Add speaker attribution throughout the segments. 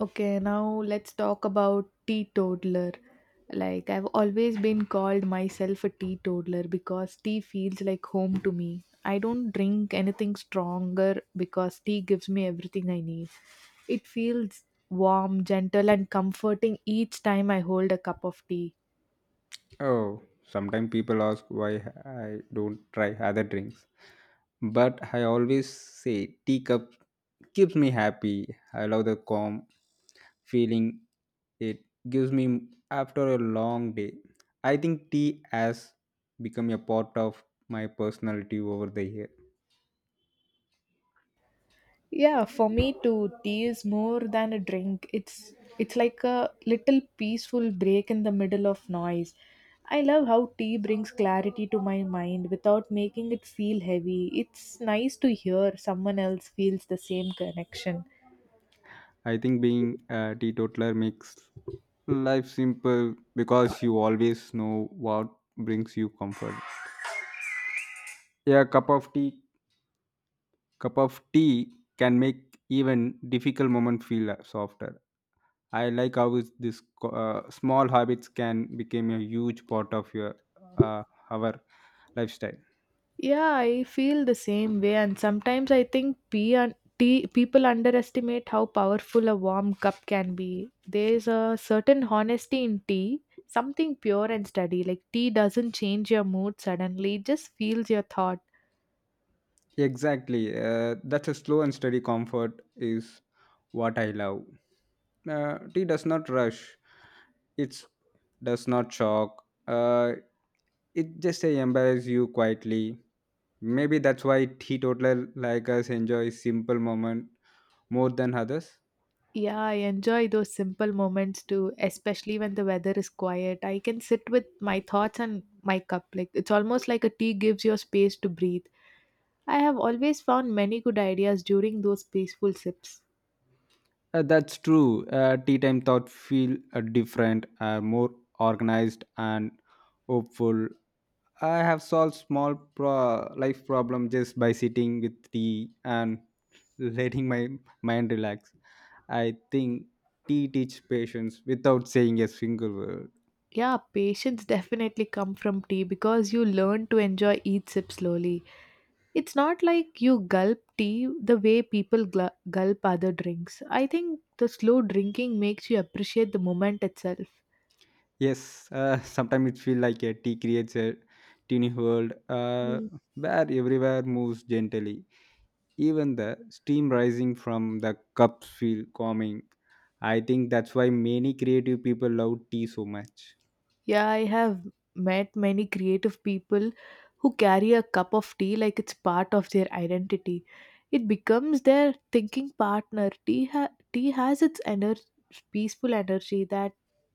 Speaker 1: Okay, now let's talk about teetotaler. Like, I've always been called myself a teetotaler because tea feels like home to me. I don't drink anything stronger because tea gives me everything I need. It feels warm, gentle, and comforting each time I hold a cup of tea.
Speaker 2: Oh, sometimes people ask why I don't try other drinks. But I always say tea cup keeps me happy. I love the calm feeling it gives me after a long day. I think tea has become a part of my personality over the year.
Speaker 1: Yeah, for me too, tea is more than a drink. It's like a little peaceful break in the middle of noise. I love how tea brings clarity to my mind without making it feel heavy. It's nice to hear someone else feels the same connection.
Speaker 2: I think being a teetotaler makes life simple because you always know what brings you comfort. A cup of tea can make even difficult moment feel softer. I like how is this small habits can become a huge part of your uh, our lifestyle.
Speaker 1: Yeah, I feel the same way, and sometimes I think pee and tea, people underestimate how powerful a warm cup can be. There's a certain honesty in tea, something pure and steady. Like tea doesn't change your mood suddenly; it just feels your thought.
Speaker 2: Exactly, that's a slow and steady comfort is what I love. Tea does not rush. It does not shock. It just embarrasses you quietly. Maybe that's why teetotaler like us enjoy simple moment more than others.
Speaker 1: Yeah, I enjoy those simple moments too, especially when the weather is quiet. I can sit with my thoughts and my cup. Like it's almost like a tea gives you space to breathe. I have always found many good ideas during those peaceful sips.
Speaker 2: That's true. Tea time thought feel different, more organized and hopeful. I have solved life problem just by sitting with tea and letting my mind relax. I think tea teach patience without saying a single word.
Speaker 1: Yeah, patience definitely come from tea because you learn to enjoy each sip slowly. It's not like you gulp tea the way people gulp other drinks. I think the slow drinking makes you appreciate the moment itself.
Speaker 2: Yes, sometimes it feel like a tea creates a teeny world where everywhere moves gently. Even the steam rising from the cups feel calming. I think that's why many creative people love tea so much.
Speaker 1: Yeah, I have met many creative people who carry a cup of tea like it's part of their identity. It becomes their thinking partner. Tea, tea has its peaceful energy that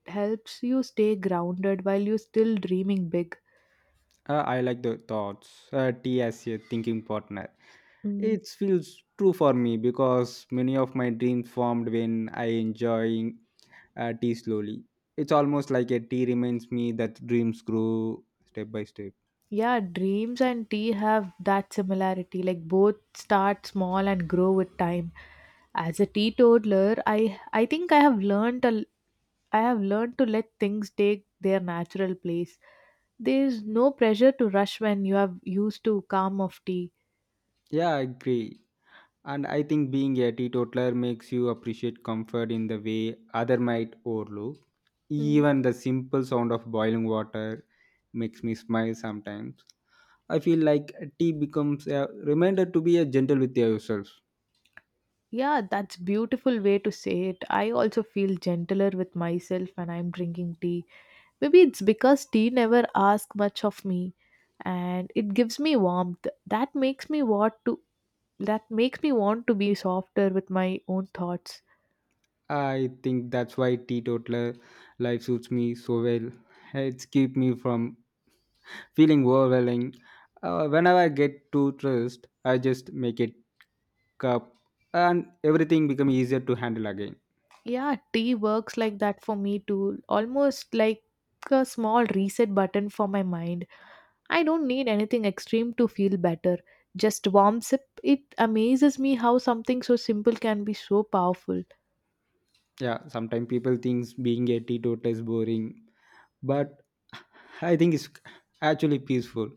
Speaker 1: helps you stay grounded while you're still dreaming big.
Speaker 2: I like the thoughts, tea as a thinking partner.
Speaker 1: Mm.
Speaker 2: It feels true for me because many of my dreams formed when I enjoying tea slowly. It's almost like a tea reminds me that dreams grow step by step.
Speaker 1: Yeah, dreams and tea have that similarity. Like both start small and grow with time. As a teetotaler, I have learned to let things take their natural place. There is no pressure to rush when you have used to calm of tea.
Speaker 2: Yeah, I agree. And I think being a teetotaler makes you appreciate comfort in the way other might overlook.
Speaker 1: Mm.
Speaker 2: Even the simple sound of boiling water makes me smile sometimes. I feel like tea becomes a reminder to be a gentle with yourself.
Speaker 1: Yeah, that's beautiful way to say it. I also feel gentler with myself when I'm drinking tea. Maybe it's because tea never asks much of me and it gives me warmth. That makes me want to be softer with my own thoughts.
Speaker 2: I think that's why teetotaler life suits me so well. It's keep me from feeling overwhelming. Whenever I get too stressed, I just make it cup and everything become easier to handle again.
Speaker 1: Yeah, tea works like that for me too. Almost like a small reset button for my mind. I don't need anything extreme to feel better. Just warm sip. It amazes me how something so simple can be so powerful.
Speaker 2: Yeah, sometimes people thinks being a teetotaler is boring, but I think it's actually peaceful.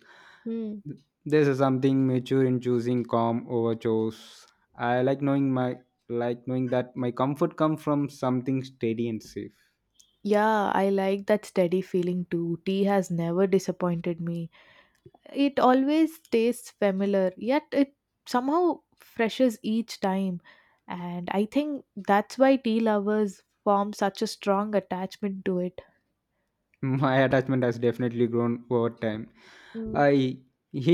Speaker 1: Hmm.
Speaker 2: There's a something mature in choosing calm over chores. I like knowing my, like knowing that my comfort comes from something steady and safe.
Speaker 1: Yeah, I like that steady feeling too. Tea has never disappointed me. It always tastes familiar, yet it somehow freshes each time. And I think that's why tea lovers form such a strong attachment to it.
Speaker 2: My attachment has definitely grown over time.
Speaker 1: Mm.
Speaker 2: I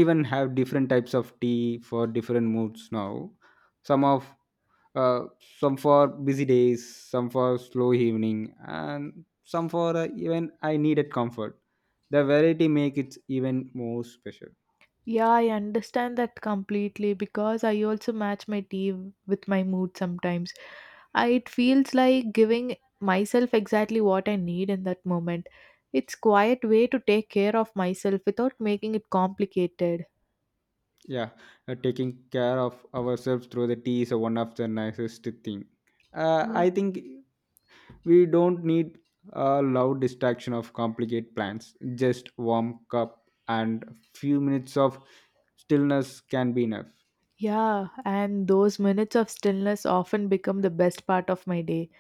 Speaker 2: even have different types of tea for different moods now. Some of uh, some for busy days, some for slow evening, and some for even I needed comfort. The variety make it even more special.
Speaker 1: Yeah, I understand that completely because I also match my tea with my mood sometimes. I, it feels like giving myself exactly what I need in that moment. It's quiet way to take care of myself without making it complicated.
Speaker 2: Yeah, taking care of ourselves through the tea is one of the nicest thing,
Speaker 1: Mm.
Speaker 2: I think. We don't need a loud distraction of complicated plans, just warm cup and few minutes of stillness can be enough.
Speaker 1: Yeah, and those minutes of stillness often become the best part of my day.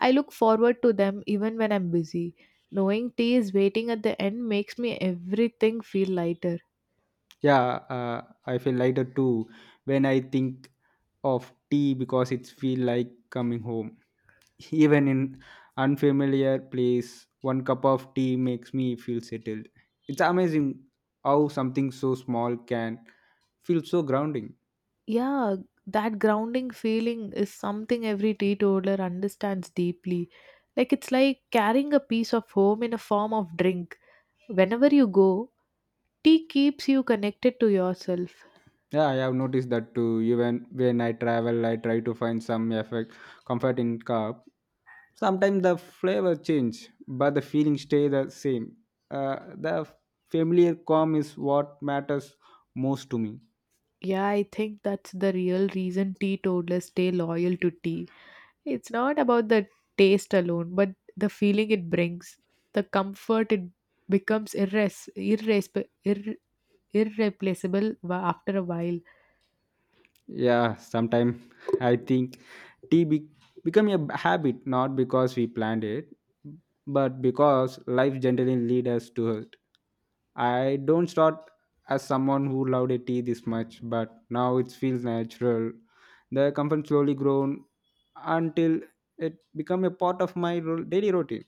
Speaker 1: I look forward to them even when I'm busy. Knowing tea is waiting at the end makes me everything feel lighter.
Speaker 2: Yeah, I feel lighter too when I think of tea because it feel like coming home. Even in unfamiliar place, one cup of tea makes me feel settled. It's amazing how something so small can feel so grounding.
Speaker 1: Yeah, that grounding feeling is something every teetotaler understands deeply. Like it's like carrying a piece of home in a form of drink. Whenever you go, tea keeps you connected to yourself.
Speaker 2: Yeah, I have noticed that too. Even when I travel, I try to find some effect comfort in cup. Sometimes the flavor change but the feeling stay the same. uh, the familiar calm is what matters most to me.
Speaker 1: Yeah, I think that's the real reason teetotalers stay loyal to tea. It's not about the taste alone, but the feeling it brings, the comfort it becomes irreplaceable after a while.
Speaker 2: Yeah, sometimes I think tea be- become a habit, not because we planned it, but because life generally leads us to it. I don't start as someone who loved a tea this much, but now it feels natural. The comfort slowly grown until it become a part of my daily routine.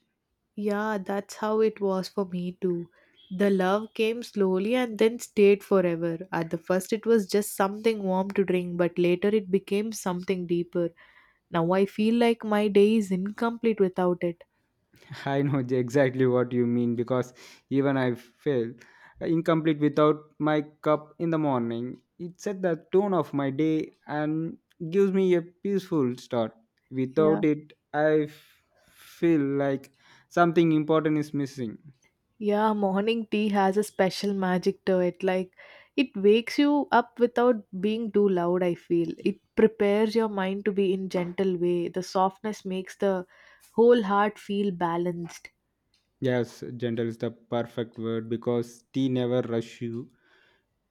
Speaker 1: Yeah, that's how it was for me too. The love came slowly and then stayed forever. At the first, it was just something warm to drink, but later it became something deeper. Now I feel like my day is incomplete without it.
Speaker 2: I know exactly what you mean, because even I feel incomplete without my cup in the morning. It set the tone of my day and gives me a peaceful start.
Speaker 1: Yeah,
Speaker 2: Without it. Feel like something important is missing.
Speaker 1: yeah, morning tea has a special magic to it. Like, it wakes you up without being too loud, I feel. It prepares your mind to be in gentle way. The softness makes the whole heart feel balanced.
Speaker 2: Yes, gentle is the perfect word because tea never rush you.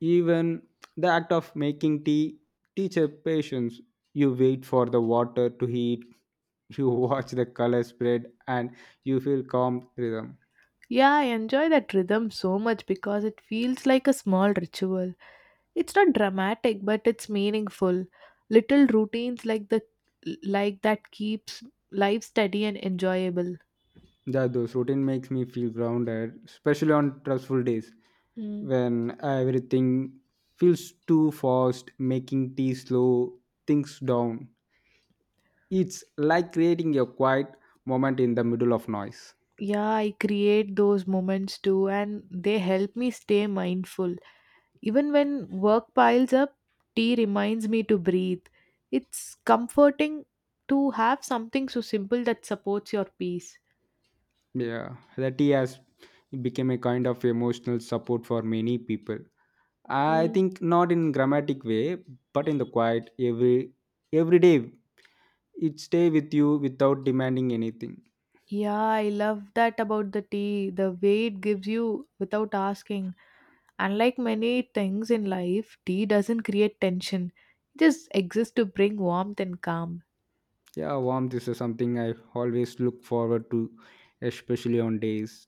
Speaker 2: Even the act of making tea teaches patience. You wait for the water to heat, you watch the color spread, and you feel calm rhythm.
Speaker 1: Yeah, I enjoy that rhythm so much because it feels like a small ritual. It's not dramatic, but it's meaningful. Little routines like that keeps life steady and enjoyable.
Speaker 2: That those routine makes me feel grounded, especially on stressful days
Speaker 1: Mm.
Speaker 2: when everything feels too fast, making tea slow things down. It's like creating a quiet moment in the middle of noise.
Speaker 1: Yeah, I create those moments too, and they help me stay mindful. Even when work piles up, tea reminds me to breathe. It's comforting to have something so simple that supports your peace.
Speaker 2: Yeah, the tea has become a kind of emotional support for many people. I
Speaker 1: Mm.
Speaker 2: think not in grammatic way, but in the quiet every day. It stay with you without demanding anything.
Speaker 1: Yeah, I love that about the tea, the way it gives you without asking. Unlike many things in life, tea doesn't create tension, it just exists to bring warmth and calm.
Speaker 2: Yeah, warmth is something I always look forward to, especially on days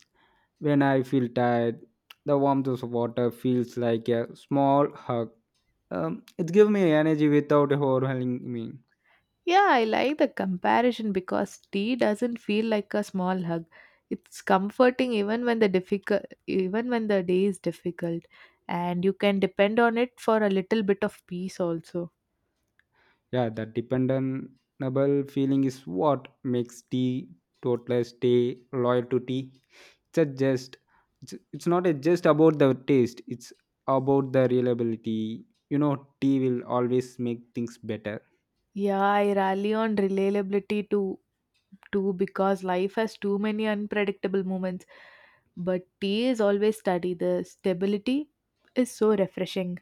Speaker 2: when I feel tired. The warmth of water feels like a small hug. It gives me energy without overwhelming me.
Speaker 1: Yeah, I like the comparison because tea doesn't feel like a small hug. It's comforting even when the day is difficult and you can depend on it for a little bit of peace also.
Speaker 2: Yeah, that dependable feeling is what makes tea totalers stay loyal to tea. It's a just it's not a just about the taste, it's about the reliability. You know, tea will always make things better.
Speaker 1: Yeah, I rally on reliability too because life has too many unpredictable moments. But tea is always steady. The stability is so refreshing.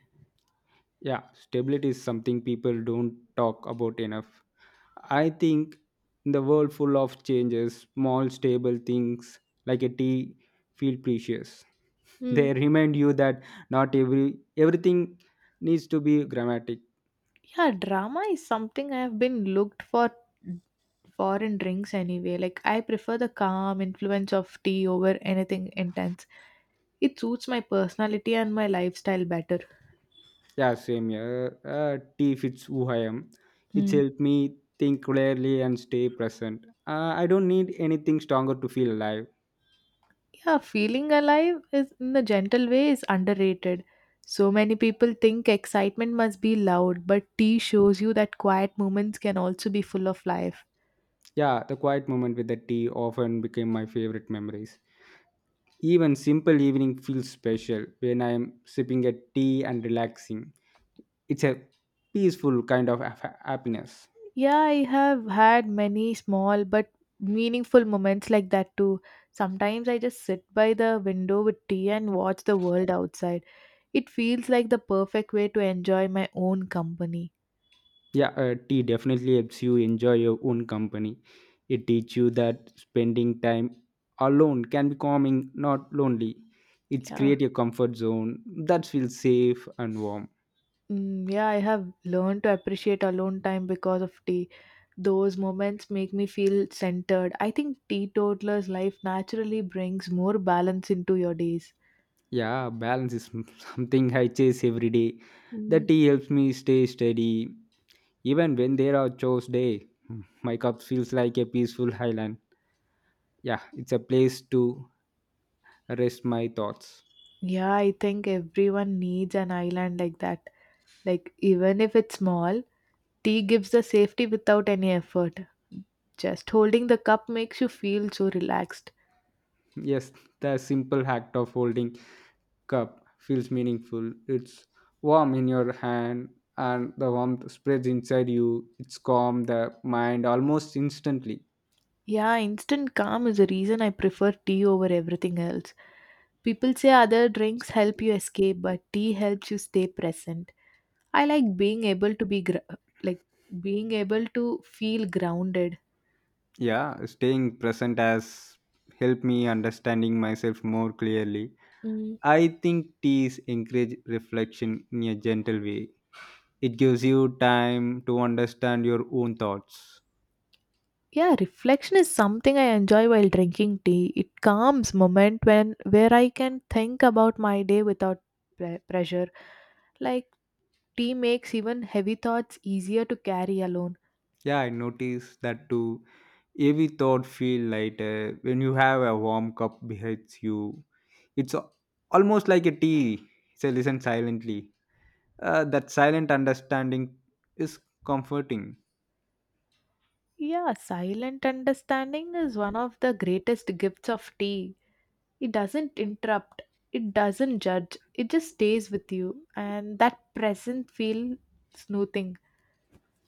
Speaker 2: Yeah, stability is something people don't talk about enough. I think in the world full of changes, small stable things like a tea feel precious. They
Speaker 1: Hmm.
Speaker 2: remind you that not everything needs to be grammatic.
Speaker 1: Yeah, drama is something I have been looked for foreign drinks anyway. Like I prefer the calm influence of tea over anything intense. It suits my personality and my lifestyle better.
Speaker 2: Yeah, same here. uh, Tea fits who I am. It's
Speaker 1: Hmm.
Speaker 2: helped me think clearly and stay present. I don't need anything stronger to feel alive.
Speaker 1: Yeah, feeling alive is in a gentle way is underrated. So many people think excitement must be loud, but tea shows you that quiet moments can also be full of life.
Speaker 2: Yeah, the quiet moment with the tea often became my favorite memories. Even simple evening feels special when I'm sipping a tea and relaxing. It's a peaceful kind of happiness.
Speaker 1: Yeah, I have had many small but meaningful moments like that too. Sometimes I just sit by the window with tea and watch the world outside. It feels like the perfect way to enjoy my own company.
Speaker 2: Yeah, tea definitely helps you enjoy your own company. It teaches you that spending time alone can be calming, not lonely. It's
Speaker 1: Yeah.
Speaker 2: create a comfort zone that feels safe and warm.
Speaker 1: Mm, yeah, I have learned to appreciate alone time because of tea. Those moments make me feel centered. I think teetotaler's life naturally brings more balance into your days.
Speaker 2: Yeah, balance is something I chase every day. The
Speaker 1: Mm.
Speaker 2: tea helps me stay steady, even when there are chores day. My cup feels like a peaceful island. Yeah, it's a place to rest my thoughts.
Speaker 1: Yeah, I think everyone needs an island like that. Like, even if it's small, tea gives the safety without any effort. Just holding the cup makes you feel so relaxed.
Speaker 2: Yes, the simple act of holding cup feels meaningful. It's warm in your hand and the warmth spreads inside you. It's calm the mind almost instantly.
Speaker 1: Yeah, instant calm is the reason I prefer tea over everything else. People say other drinks help you escape, but tea helps you stay present. I like like being able to feel grounded.
Speaker 2: Yeah, staying present has helped me understanding myself more clearly.
Speaker 1: Mm.
Speaker 2: I think teas encourage reflection in a gentle way. It gives you time to understand your own thoughts.
Speaker 1: Yeah, reflection is something I enjoy while drinking tea. It calms moment when where I can think about my day without pressure. Like tea makes even heavy thoughts easier to carry alone.
Speaker 2: Yeah, I noticed that too. Every thought feel lighter when you have a warm cup behind you. It's a- Almost like a tea, say, listen silently. That silent understanding is comforting.
Speaker 1: Yeah, silent understanding is one of the greatest gifts of tea. It doesn't interrupt, it doesn't judge, it just stays with you, and that present feel soothing.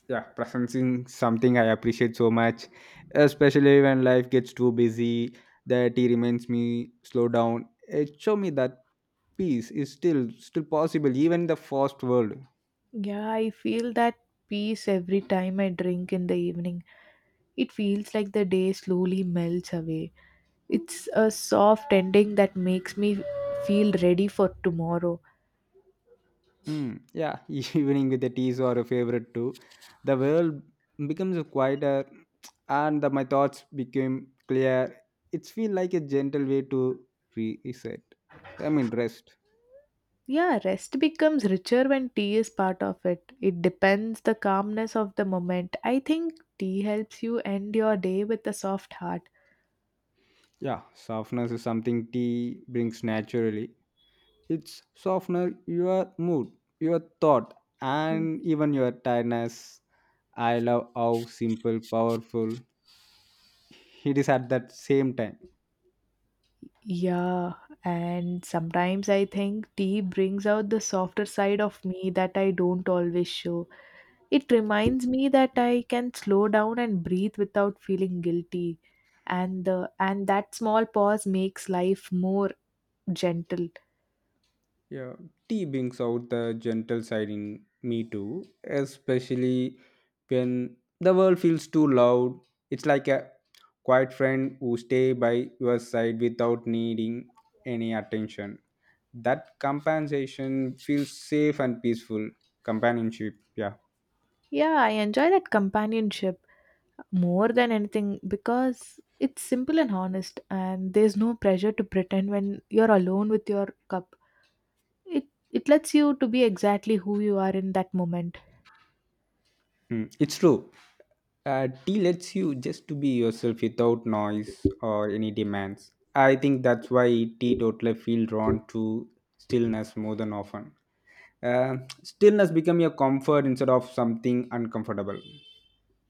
Speaker 2: Yeah, presencing something I appreciate so much, especially when life gets too busy. That tea reminds me slow down. It show me that peace is still possible even in the fast world.
Speaker 1: Yeah, I feel that peace every time I drink in the evening. It feels like the day slowly melts away. It's a soft ending that makes me feel ready for tomorrow.
Speaker 2: Mm, yeah, evening with a tease or a favorite too. The world becomes quieter and the, my thoughts became clear. It's feel like a gentle way to reset. I mean rest.
Speaker 1: Yeah, rest becomes richer when tea is part of it. It depends the calmness of the moment. I think tea helps you end your day with a soft heart.
Speaker 2: Yeah, softness is something tea brings naturally. It's softener your mood, your thought,
Speaker 1: Mm.
Speaker 2: and even your tiredness. I love how simple, powerful it is at that same time.
Speaker 1: Yeah, and sometimes I think tea brings out the softer side of me that I don't always show. It reminds me that I can slow down and breathe without feeling guilty, and that small pause makes life more gentle.
Speaker 2: Yeah, tea brings out the gentle side in me too, especially when the world feels too loud. It's like a quiet friend who stay by your side without needing any attention. That compensation feels safe and peaceful. Companionship, yeah.
Speaker 1: Yeah, I enjoy that companionship more than anything because it's simple and honest, and there's no pressure to pretend when you're alone with your cup. It lets you to be exactly who you are in that moment.
Speaker 2: Hmm, it's true. Tea lets you just to be yourself without noise or any demands. I think that's why teetotaler feel drawn to stillness more than often. uh, Stillness become your comfort instead of something uncomfortable.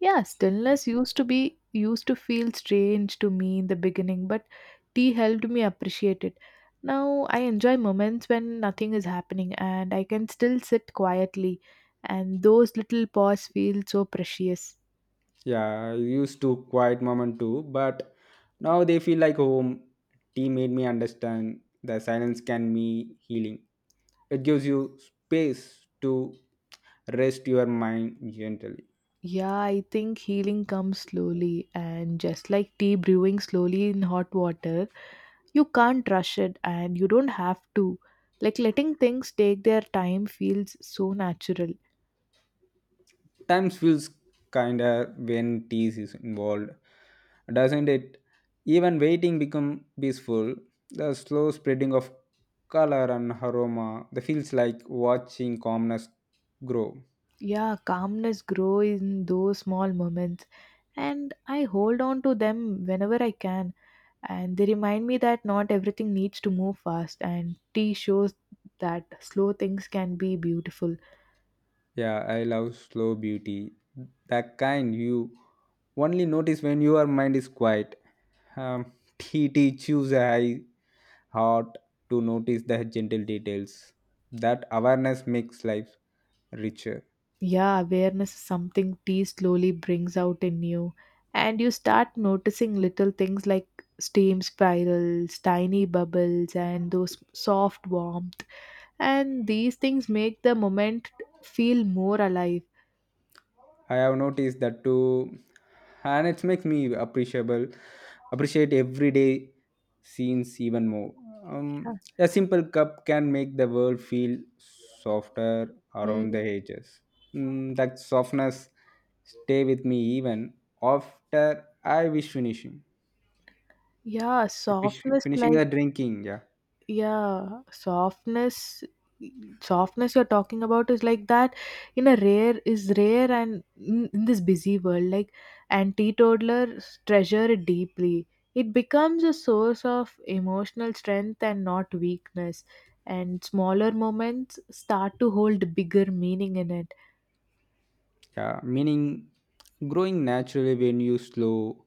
Speaker 1: Yeah, stillness used to be used to feel strange to me in the beginning, but tea helped me appreciate it. Now I enjoy moments when nothing is happening and I can still sit quietly, and those little pause feel so precious.
Speaker 2: Yeah, I used to quiet moment too, but now they feel like home. Tea made me understand the silence can be healing. It gives you space to rest your mind gentle.
Speaker 1: Yeah, I think healing comes slowly, and just like tea brewing slowly in hot water, you can't rush it and you don't have to. Like letting things take their time feels so natural.
Speaker 2: Times feels kinda when tease is involved, doesn't it? Even waiting become peaceful. The slow spreading of color and aroma. That feels like watching calmness grow.
Speaker 1: Yeah, calmness grow in those small moments and I hold on to them whenever I can and they remind me that not everything needs to move fast and tea shows that slow things can be beautiful.
Speaker 2: Yeah, I love slow beauty. That kind you only notice when your mind is quiet. Um, T T choose a high heart to notice the gentle details. That awareness makes life richer.
Speaker 1: Yeah, awareness is something tea slowly brings out in you and you start noticing little things like steam spirals, tiny bubbles and those soft warmth and these things make the moment feel more alive.
Speaker 2: I have noticed that too, and it makes me appreciate everyday scenes even more. A simple cup can make the world feel softer
Speaker 1: Yeah.
Speaker 2: around the edges. Mm, that softness stay with me even after I wish finishing,
Speaker 1: Yeah,
Speaker 2: Fish-
Speaker 1: softness
Speaker 2: finishing
Speaker 1: like
Speaker 2: the drinking. Yeah,
Speaker 1: yeah, softness softness you're talking about is like that in a rare is rare and in this busy world like and teetotalers treasure it deeply. It becomes a source of emotional strength and not weakness and smaller moments start to hold bigger meaning in it.
Speaker 2: yeah. Meaning, growing naturally when you slow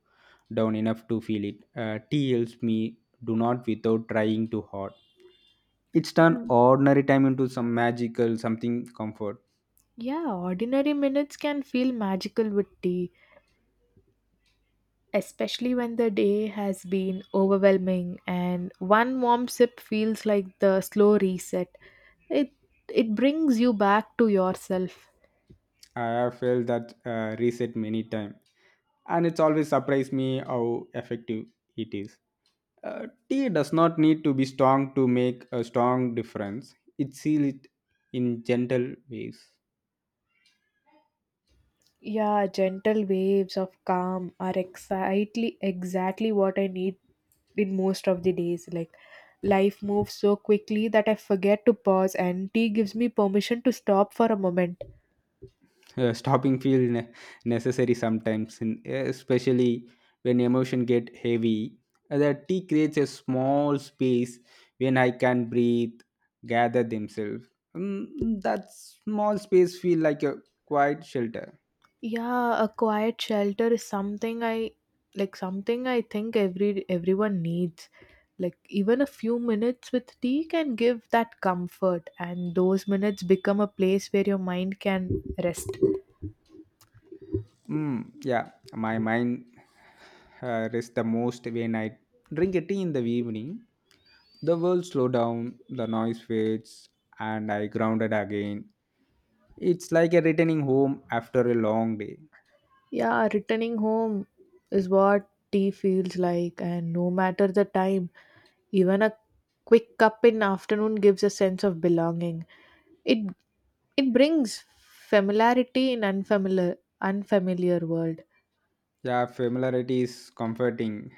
Speaker 2: down enough to feel it. Tea helps me do not without trying too hard. It's turned
Speaker 1: Mm.
Speaker 2: ordinary time into some magical something comfort.
Speaker 1: Yeah, ordinary minutes can feel magical with tea especially when the day has been overwhelming and one warm sip feels like the slow reset it it brings you back to yourself
Speaker 2: I have felt that reset many times, and it's always surprised me how effective it is. Tea does not need to be strong to make a strong difference. It seal it in gentle ways.
Speaker 1: yeah gentle waves of calm are exactly what I need in most of the days like life moves so quickly that I forget to pause and tea gives me permission to stop for a moment.
Speaker 2: Stopping feel necessary sometimes, and especially when emotion get heavy. The tea creates a small space when I can breathe, gather themselves. That small space feel like a quiet shelter.
Speaker 1: Yeah, a quiet shelter is something I like something I think everyone needs. Like even a few minutes with tea can give that comfort, and those minutes become a place where your mind can rest.
Speaker 2: Mm, yeah. My mind rests the most when I drink a tea in the evening. The world slow down, the noise fades, and I grounded again. It's like a returning home after a long day.
Speaker 1: Yeah, returning home is what tea feels like, and no matter the time, even a quick cup in afternoon gives a sense of belonging. It it brings familiarity in unfamiliar world.
Speaker 2: Yeah, familiarity is comforting,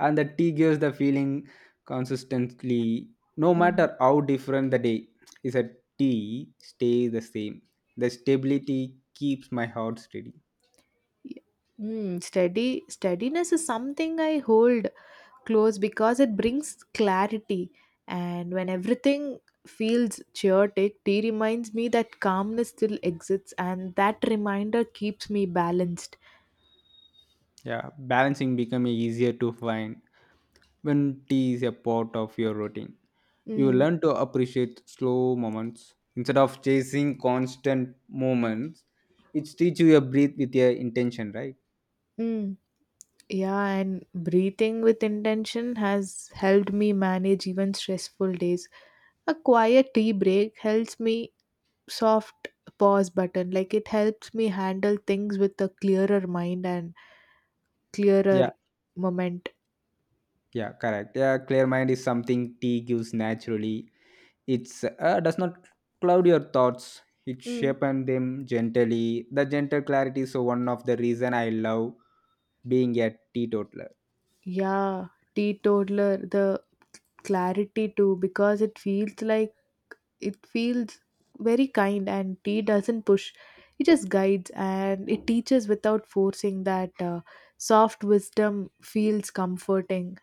Speaker 2: and the tea gives the feeling consistently, no
Speaker 1: Mm.
Speaker 2: matter how different the day. Is a tea stays the same. The stability keeps my heart steady.
Speaker 1: Y- Mm, steady steadiness is something I hold close because it brings clarity, and when everything feels chaotic, tea reminds me that calmness still exists, and that reminder keeps me balanced.
Speaker 2: Yeah, balancing become easier to find when tea is a part of your routine. You
Speaker 1: Mm.
Speaker 2: learn to appreciate slow moments instead of chasing constant moments. It teaches you a breathe with your intention, right?
Speaker 1: Mm. Yeah, and breathing with intention has helped me manage even stressful days. A quiet tea break helps me soft pause button, like it helps me handle things with a clearer mind and clearer moment.
Speaker 2: Yeah, correct. Yeah, clear mind is something tea gives naturally. It's does not cloud your thoughts. It
Speaker 1: Mm.
Speaker 2: shapens them gently. The gentle clarity is one of the reason I love being a teetotaler.
Speaker 1: Yeah, teetotaler, the clarity too, because it feels very kind, and tea doesn't push. It just guides, and it teaches without forcing that soft wisdom feels comforting.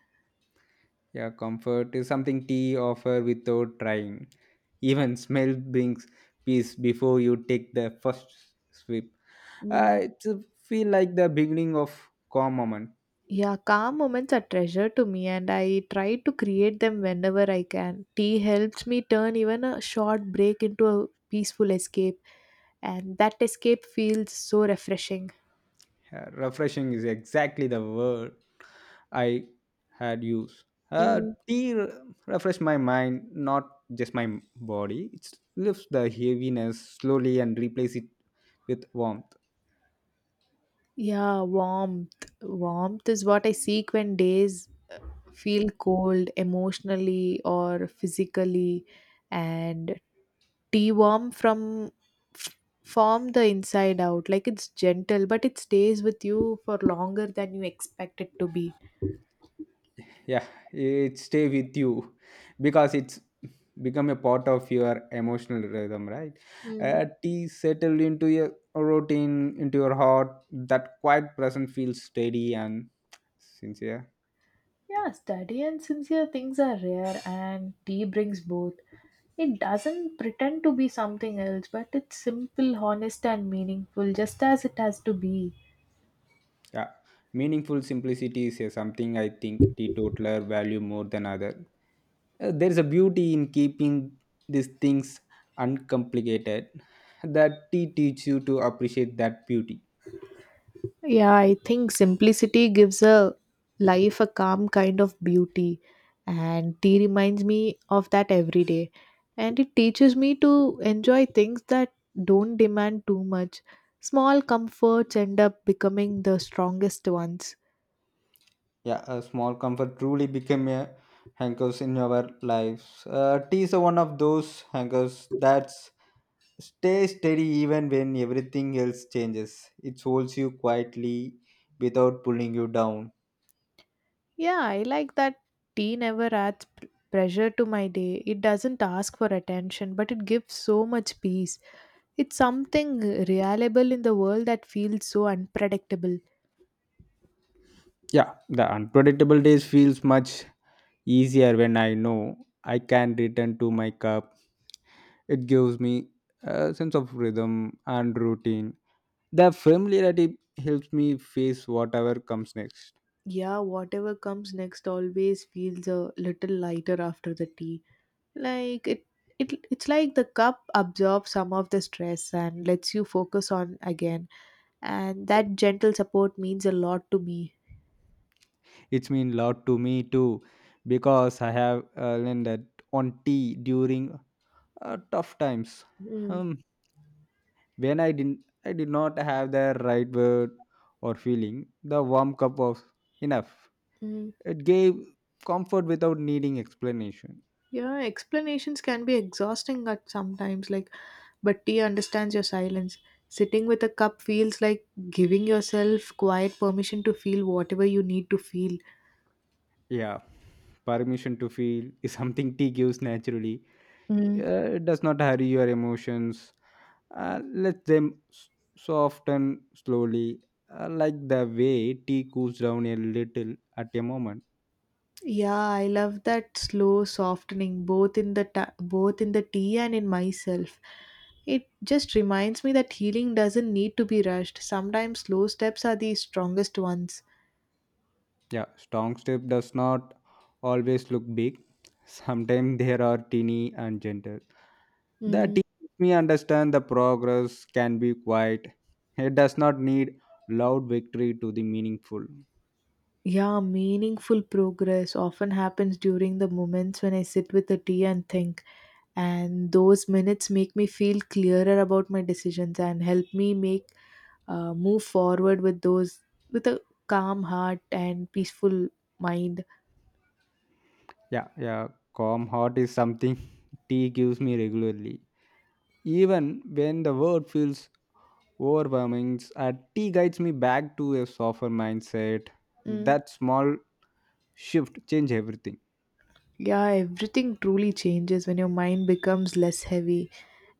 Speaker 2: Yeah, comfort is something tea offer without trying. Even smell brings peace before you take the first sip.
Speaker 1: Mm.
Speaker 2: It feel like the beginning of calm moment.
Speaker 1: Yeah, calm moments are treasure to me, and I try to create them whenever I can. Tea helps me turn even a short break into a peaceful escape, and that escape feels so refreshing.
Speaker 2: Refreshing is exactly the word I had used. Uh,
Speaker 1: Mm,
Speaker 2: tea re- refresh my mind, not just my body. It lifts the heaviness slowly and replace it with warmth.
Speaker 1: yeah, warmth. Warmth is what I seek when days feel cold emotionally or physically, and tea warm from f- from the inside out. Like it's gentle, but it stays with you for longer than you expect it to be.
Speaker 2: Yeah, it stay with you because it's become a part of your emotional rhythm, right? Tea settled into your routine, into your heart. That quiet present feels steady and sincere.
Speaker 1: Yeah, steady and sincere things are rare, and tea brings both. It doesn't pretend to be something else, but it's simple, honest, and meaningful, just as it has to be.
Speaker 2: Yeah, meaningful simplicity is something I think teetotaler value more than other. There is a beauty in keeping these things uncomplicated. That tea teaches you to appreciate that beauty.
Speaker 1: Yeah, I think simplicity gives a life a calm kind of beauty, and tea reminds me of that every day. And it teaches me to enjoy things that don't demand too much. Small comforts end up becoming the strongest ones.
Speaker 2: Yeah, a small comfort truly became a hankers in our lives. Tea is one of those anchors that stays steady even when everything else changes. It holds you quietly without pulling you down.
Speaker 1: Yeah, I like that tea never adds pressure to my day. It doesn't ask for attention, but it gives so much peace. It's something reliable in the world that feels so unpredictable.
Speaker 2: Yeah, the unpredictable days feels much easier when I know I can return to my cup. It gives me a sense of rhythm and routine. The familiarity helps me face whatever comes next.
Speaker 1: Yeah, whatever comes next always feels a little lighter after the tea. Like it, it's like the cup absorbs some of the stress and lets you focus on again. And that gentle support means a lot to me.
Speaker 2: It's mean lot to me too because I have learned that on tea during tough times.
Speaker 1: Mm.
Speaker 2: Um, when I did not have the right word or feeling. The warm cup was enough.
Speaker 1: Mm.
Speaker 2: It gave comfort without needing explanation.
Speaker 1: Yeah, explanations can be exhausting at sometimes, like, but tea understands your silence. Sitting with a cup feels like giving yourself quiet permission to feel whatever you need to feel.
Speaker 2: Yeah, permission to feel is something tea gives naturally.
Speaker 1: Mm.
Speaker 2: It does not hurry your emotions. Let them soften slowly, like the way tea cools down a little at a moment.
Speaker 1: Yeah, I love that slow softening, both in the both in the tea and in myself. It just reminds me that healing doesn't need to be rushed. Sometimes slow steps are the strongest ones.
Speaker 2: Yeah, strong step does not always look big. Sometimes they are teeny and gentle. The
Speaker 1: Mm.
Speaker 2: teaches me understand the progress can be quiet. It does not need loud victory to be meaningful.
Speaker 1: Yeah, meaningful progress often happens during the moments when I sit with a tea and think. And those minutes make me feel clearer about my decisions and help me make move forward with those with a calm heart and peaceful mind.
Speaker 2: Yeah, yeah, calm heart is something tea gives me regularly. Even when the world feels overwhelming, tea guides me back to a softer mindset.
Speaker 1: Mm,
Speaker 2: That small shift change everything.
Speaker 1: yeah, everything truly changes when your mind becomes less heavy,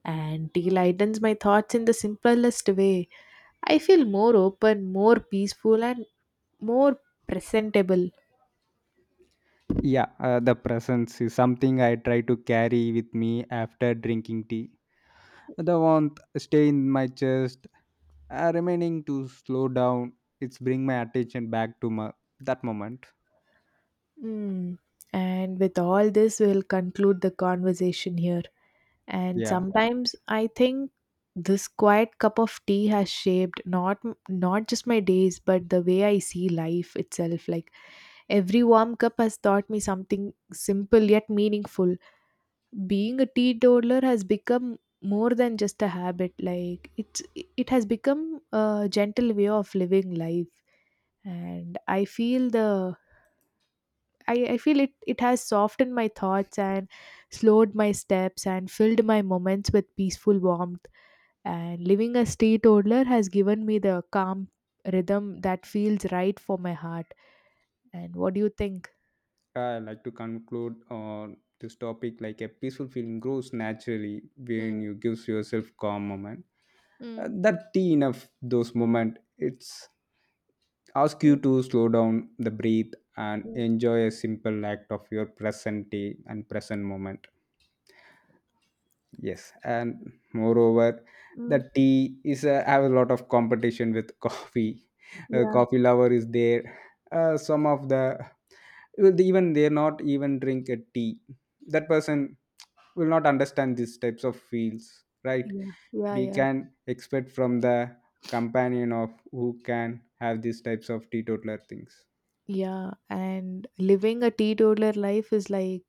Speaker 1: and tea lightens my thoughts in the simplest way. I feel more open, more peaceful, and more presentable.
Speaker 2: Yeah, the presence is something I try to carry with me after drinking tea. The warmth stay in my chest, remaining to slow down. It's bring my attention back to my that moment.
Speaker 1: Mm. And with all this, we'll conclude the conversation here. And
Speaker 2: Yeah,
Speaker 1: sometimes I think this quiet cup of tea has shaped not just my days, but the way I see life itself. Like every warm cup has taught me something simple yet meaningful. Being a teetotaler has become more than just a habit. Like it has become a gentle way of living life. And I feel I feel it has softened my thoughts and slowed my steps and filled my moments with peaceful warmth. And living a street toddler has given me the calm rhythm that feels right for my heart. And what do you think?
Speaker 2: I like to conclude on this topic like a peaceful feeling grows naturally when
Speaker 1: Mm.
Speaker 2: you gives yourself calm moment.
Speaker 1: Mm.
Speaker 2: That tea enough those moment. It's ask you
Speaker 1: Mm.
Speaker 2: to slow down the breathe and
Speaker 1: Mm.
Speaker 2: enjoy a simple act of your present day and present moment. Yes, and moreover,
Speaker 1: Mm.
Speaker 2: the tea is have a lot of competition with coffee.
Speaker 1: Yeah,
Speaker 2: Coffee lover is there. Some of the well, they even they're not even drink a tea. That person will not understand these types of fields, right?
Speaker 1: yeah, yeah,
Speaker 2: We
Speaker 1: yeah.
Speaker 2: can expect from the companion of who can have these types of teetotaler things.
Speaker 1: Yeah, and living a teetotaler life is like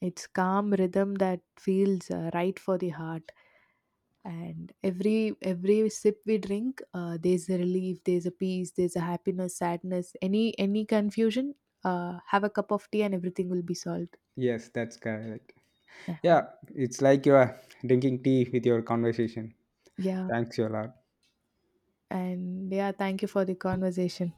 Speaker 1: it's calm rhythm that feels right for the heart. And every sip we drink, there's a relief, there's a peace, there's a happiness, sadness, any confusion, have a cup of tea and everything will be solved.
Speaker 2: Yes, that's correct.
Speaker 1: And
Speaker 2: Yeah, it's like you are drinking tea with your conversation.
Speaker 1: yeah,
Speaker 2: Thanks, Yola.
Speaker 1: and yeah, thank you for the conversation.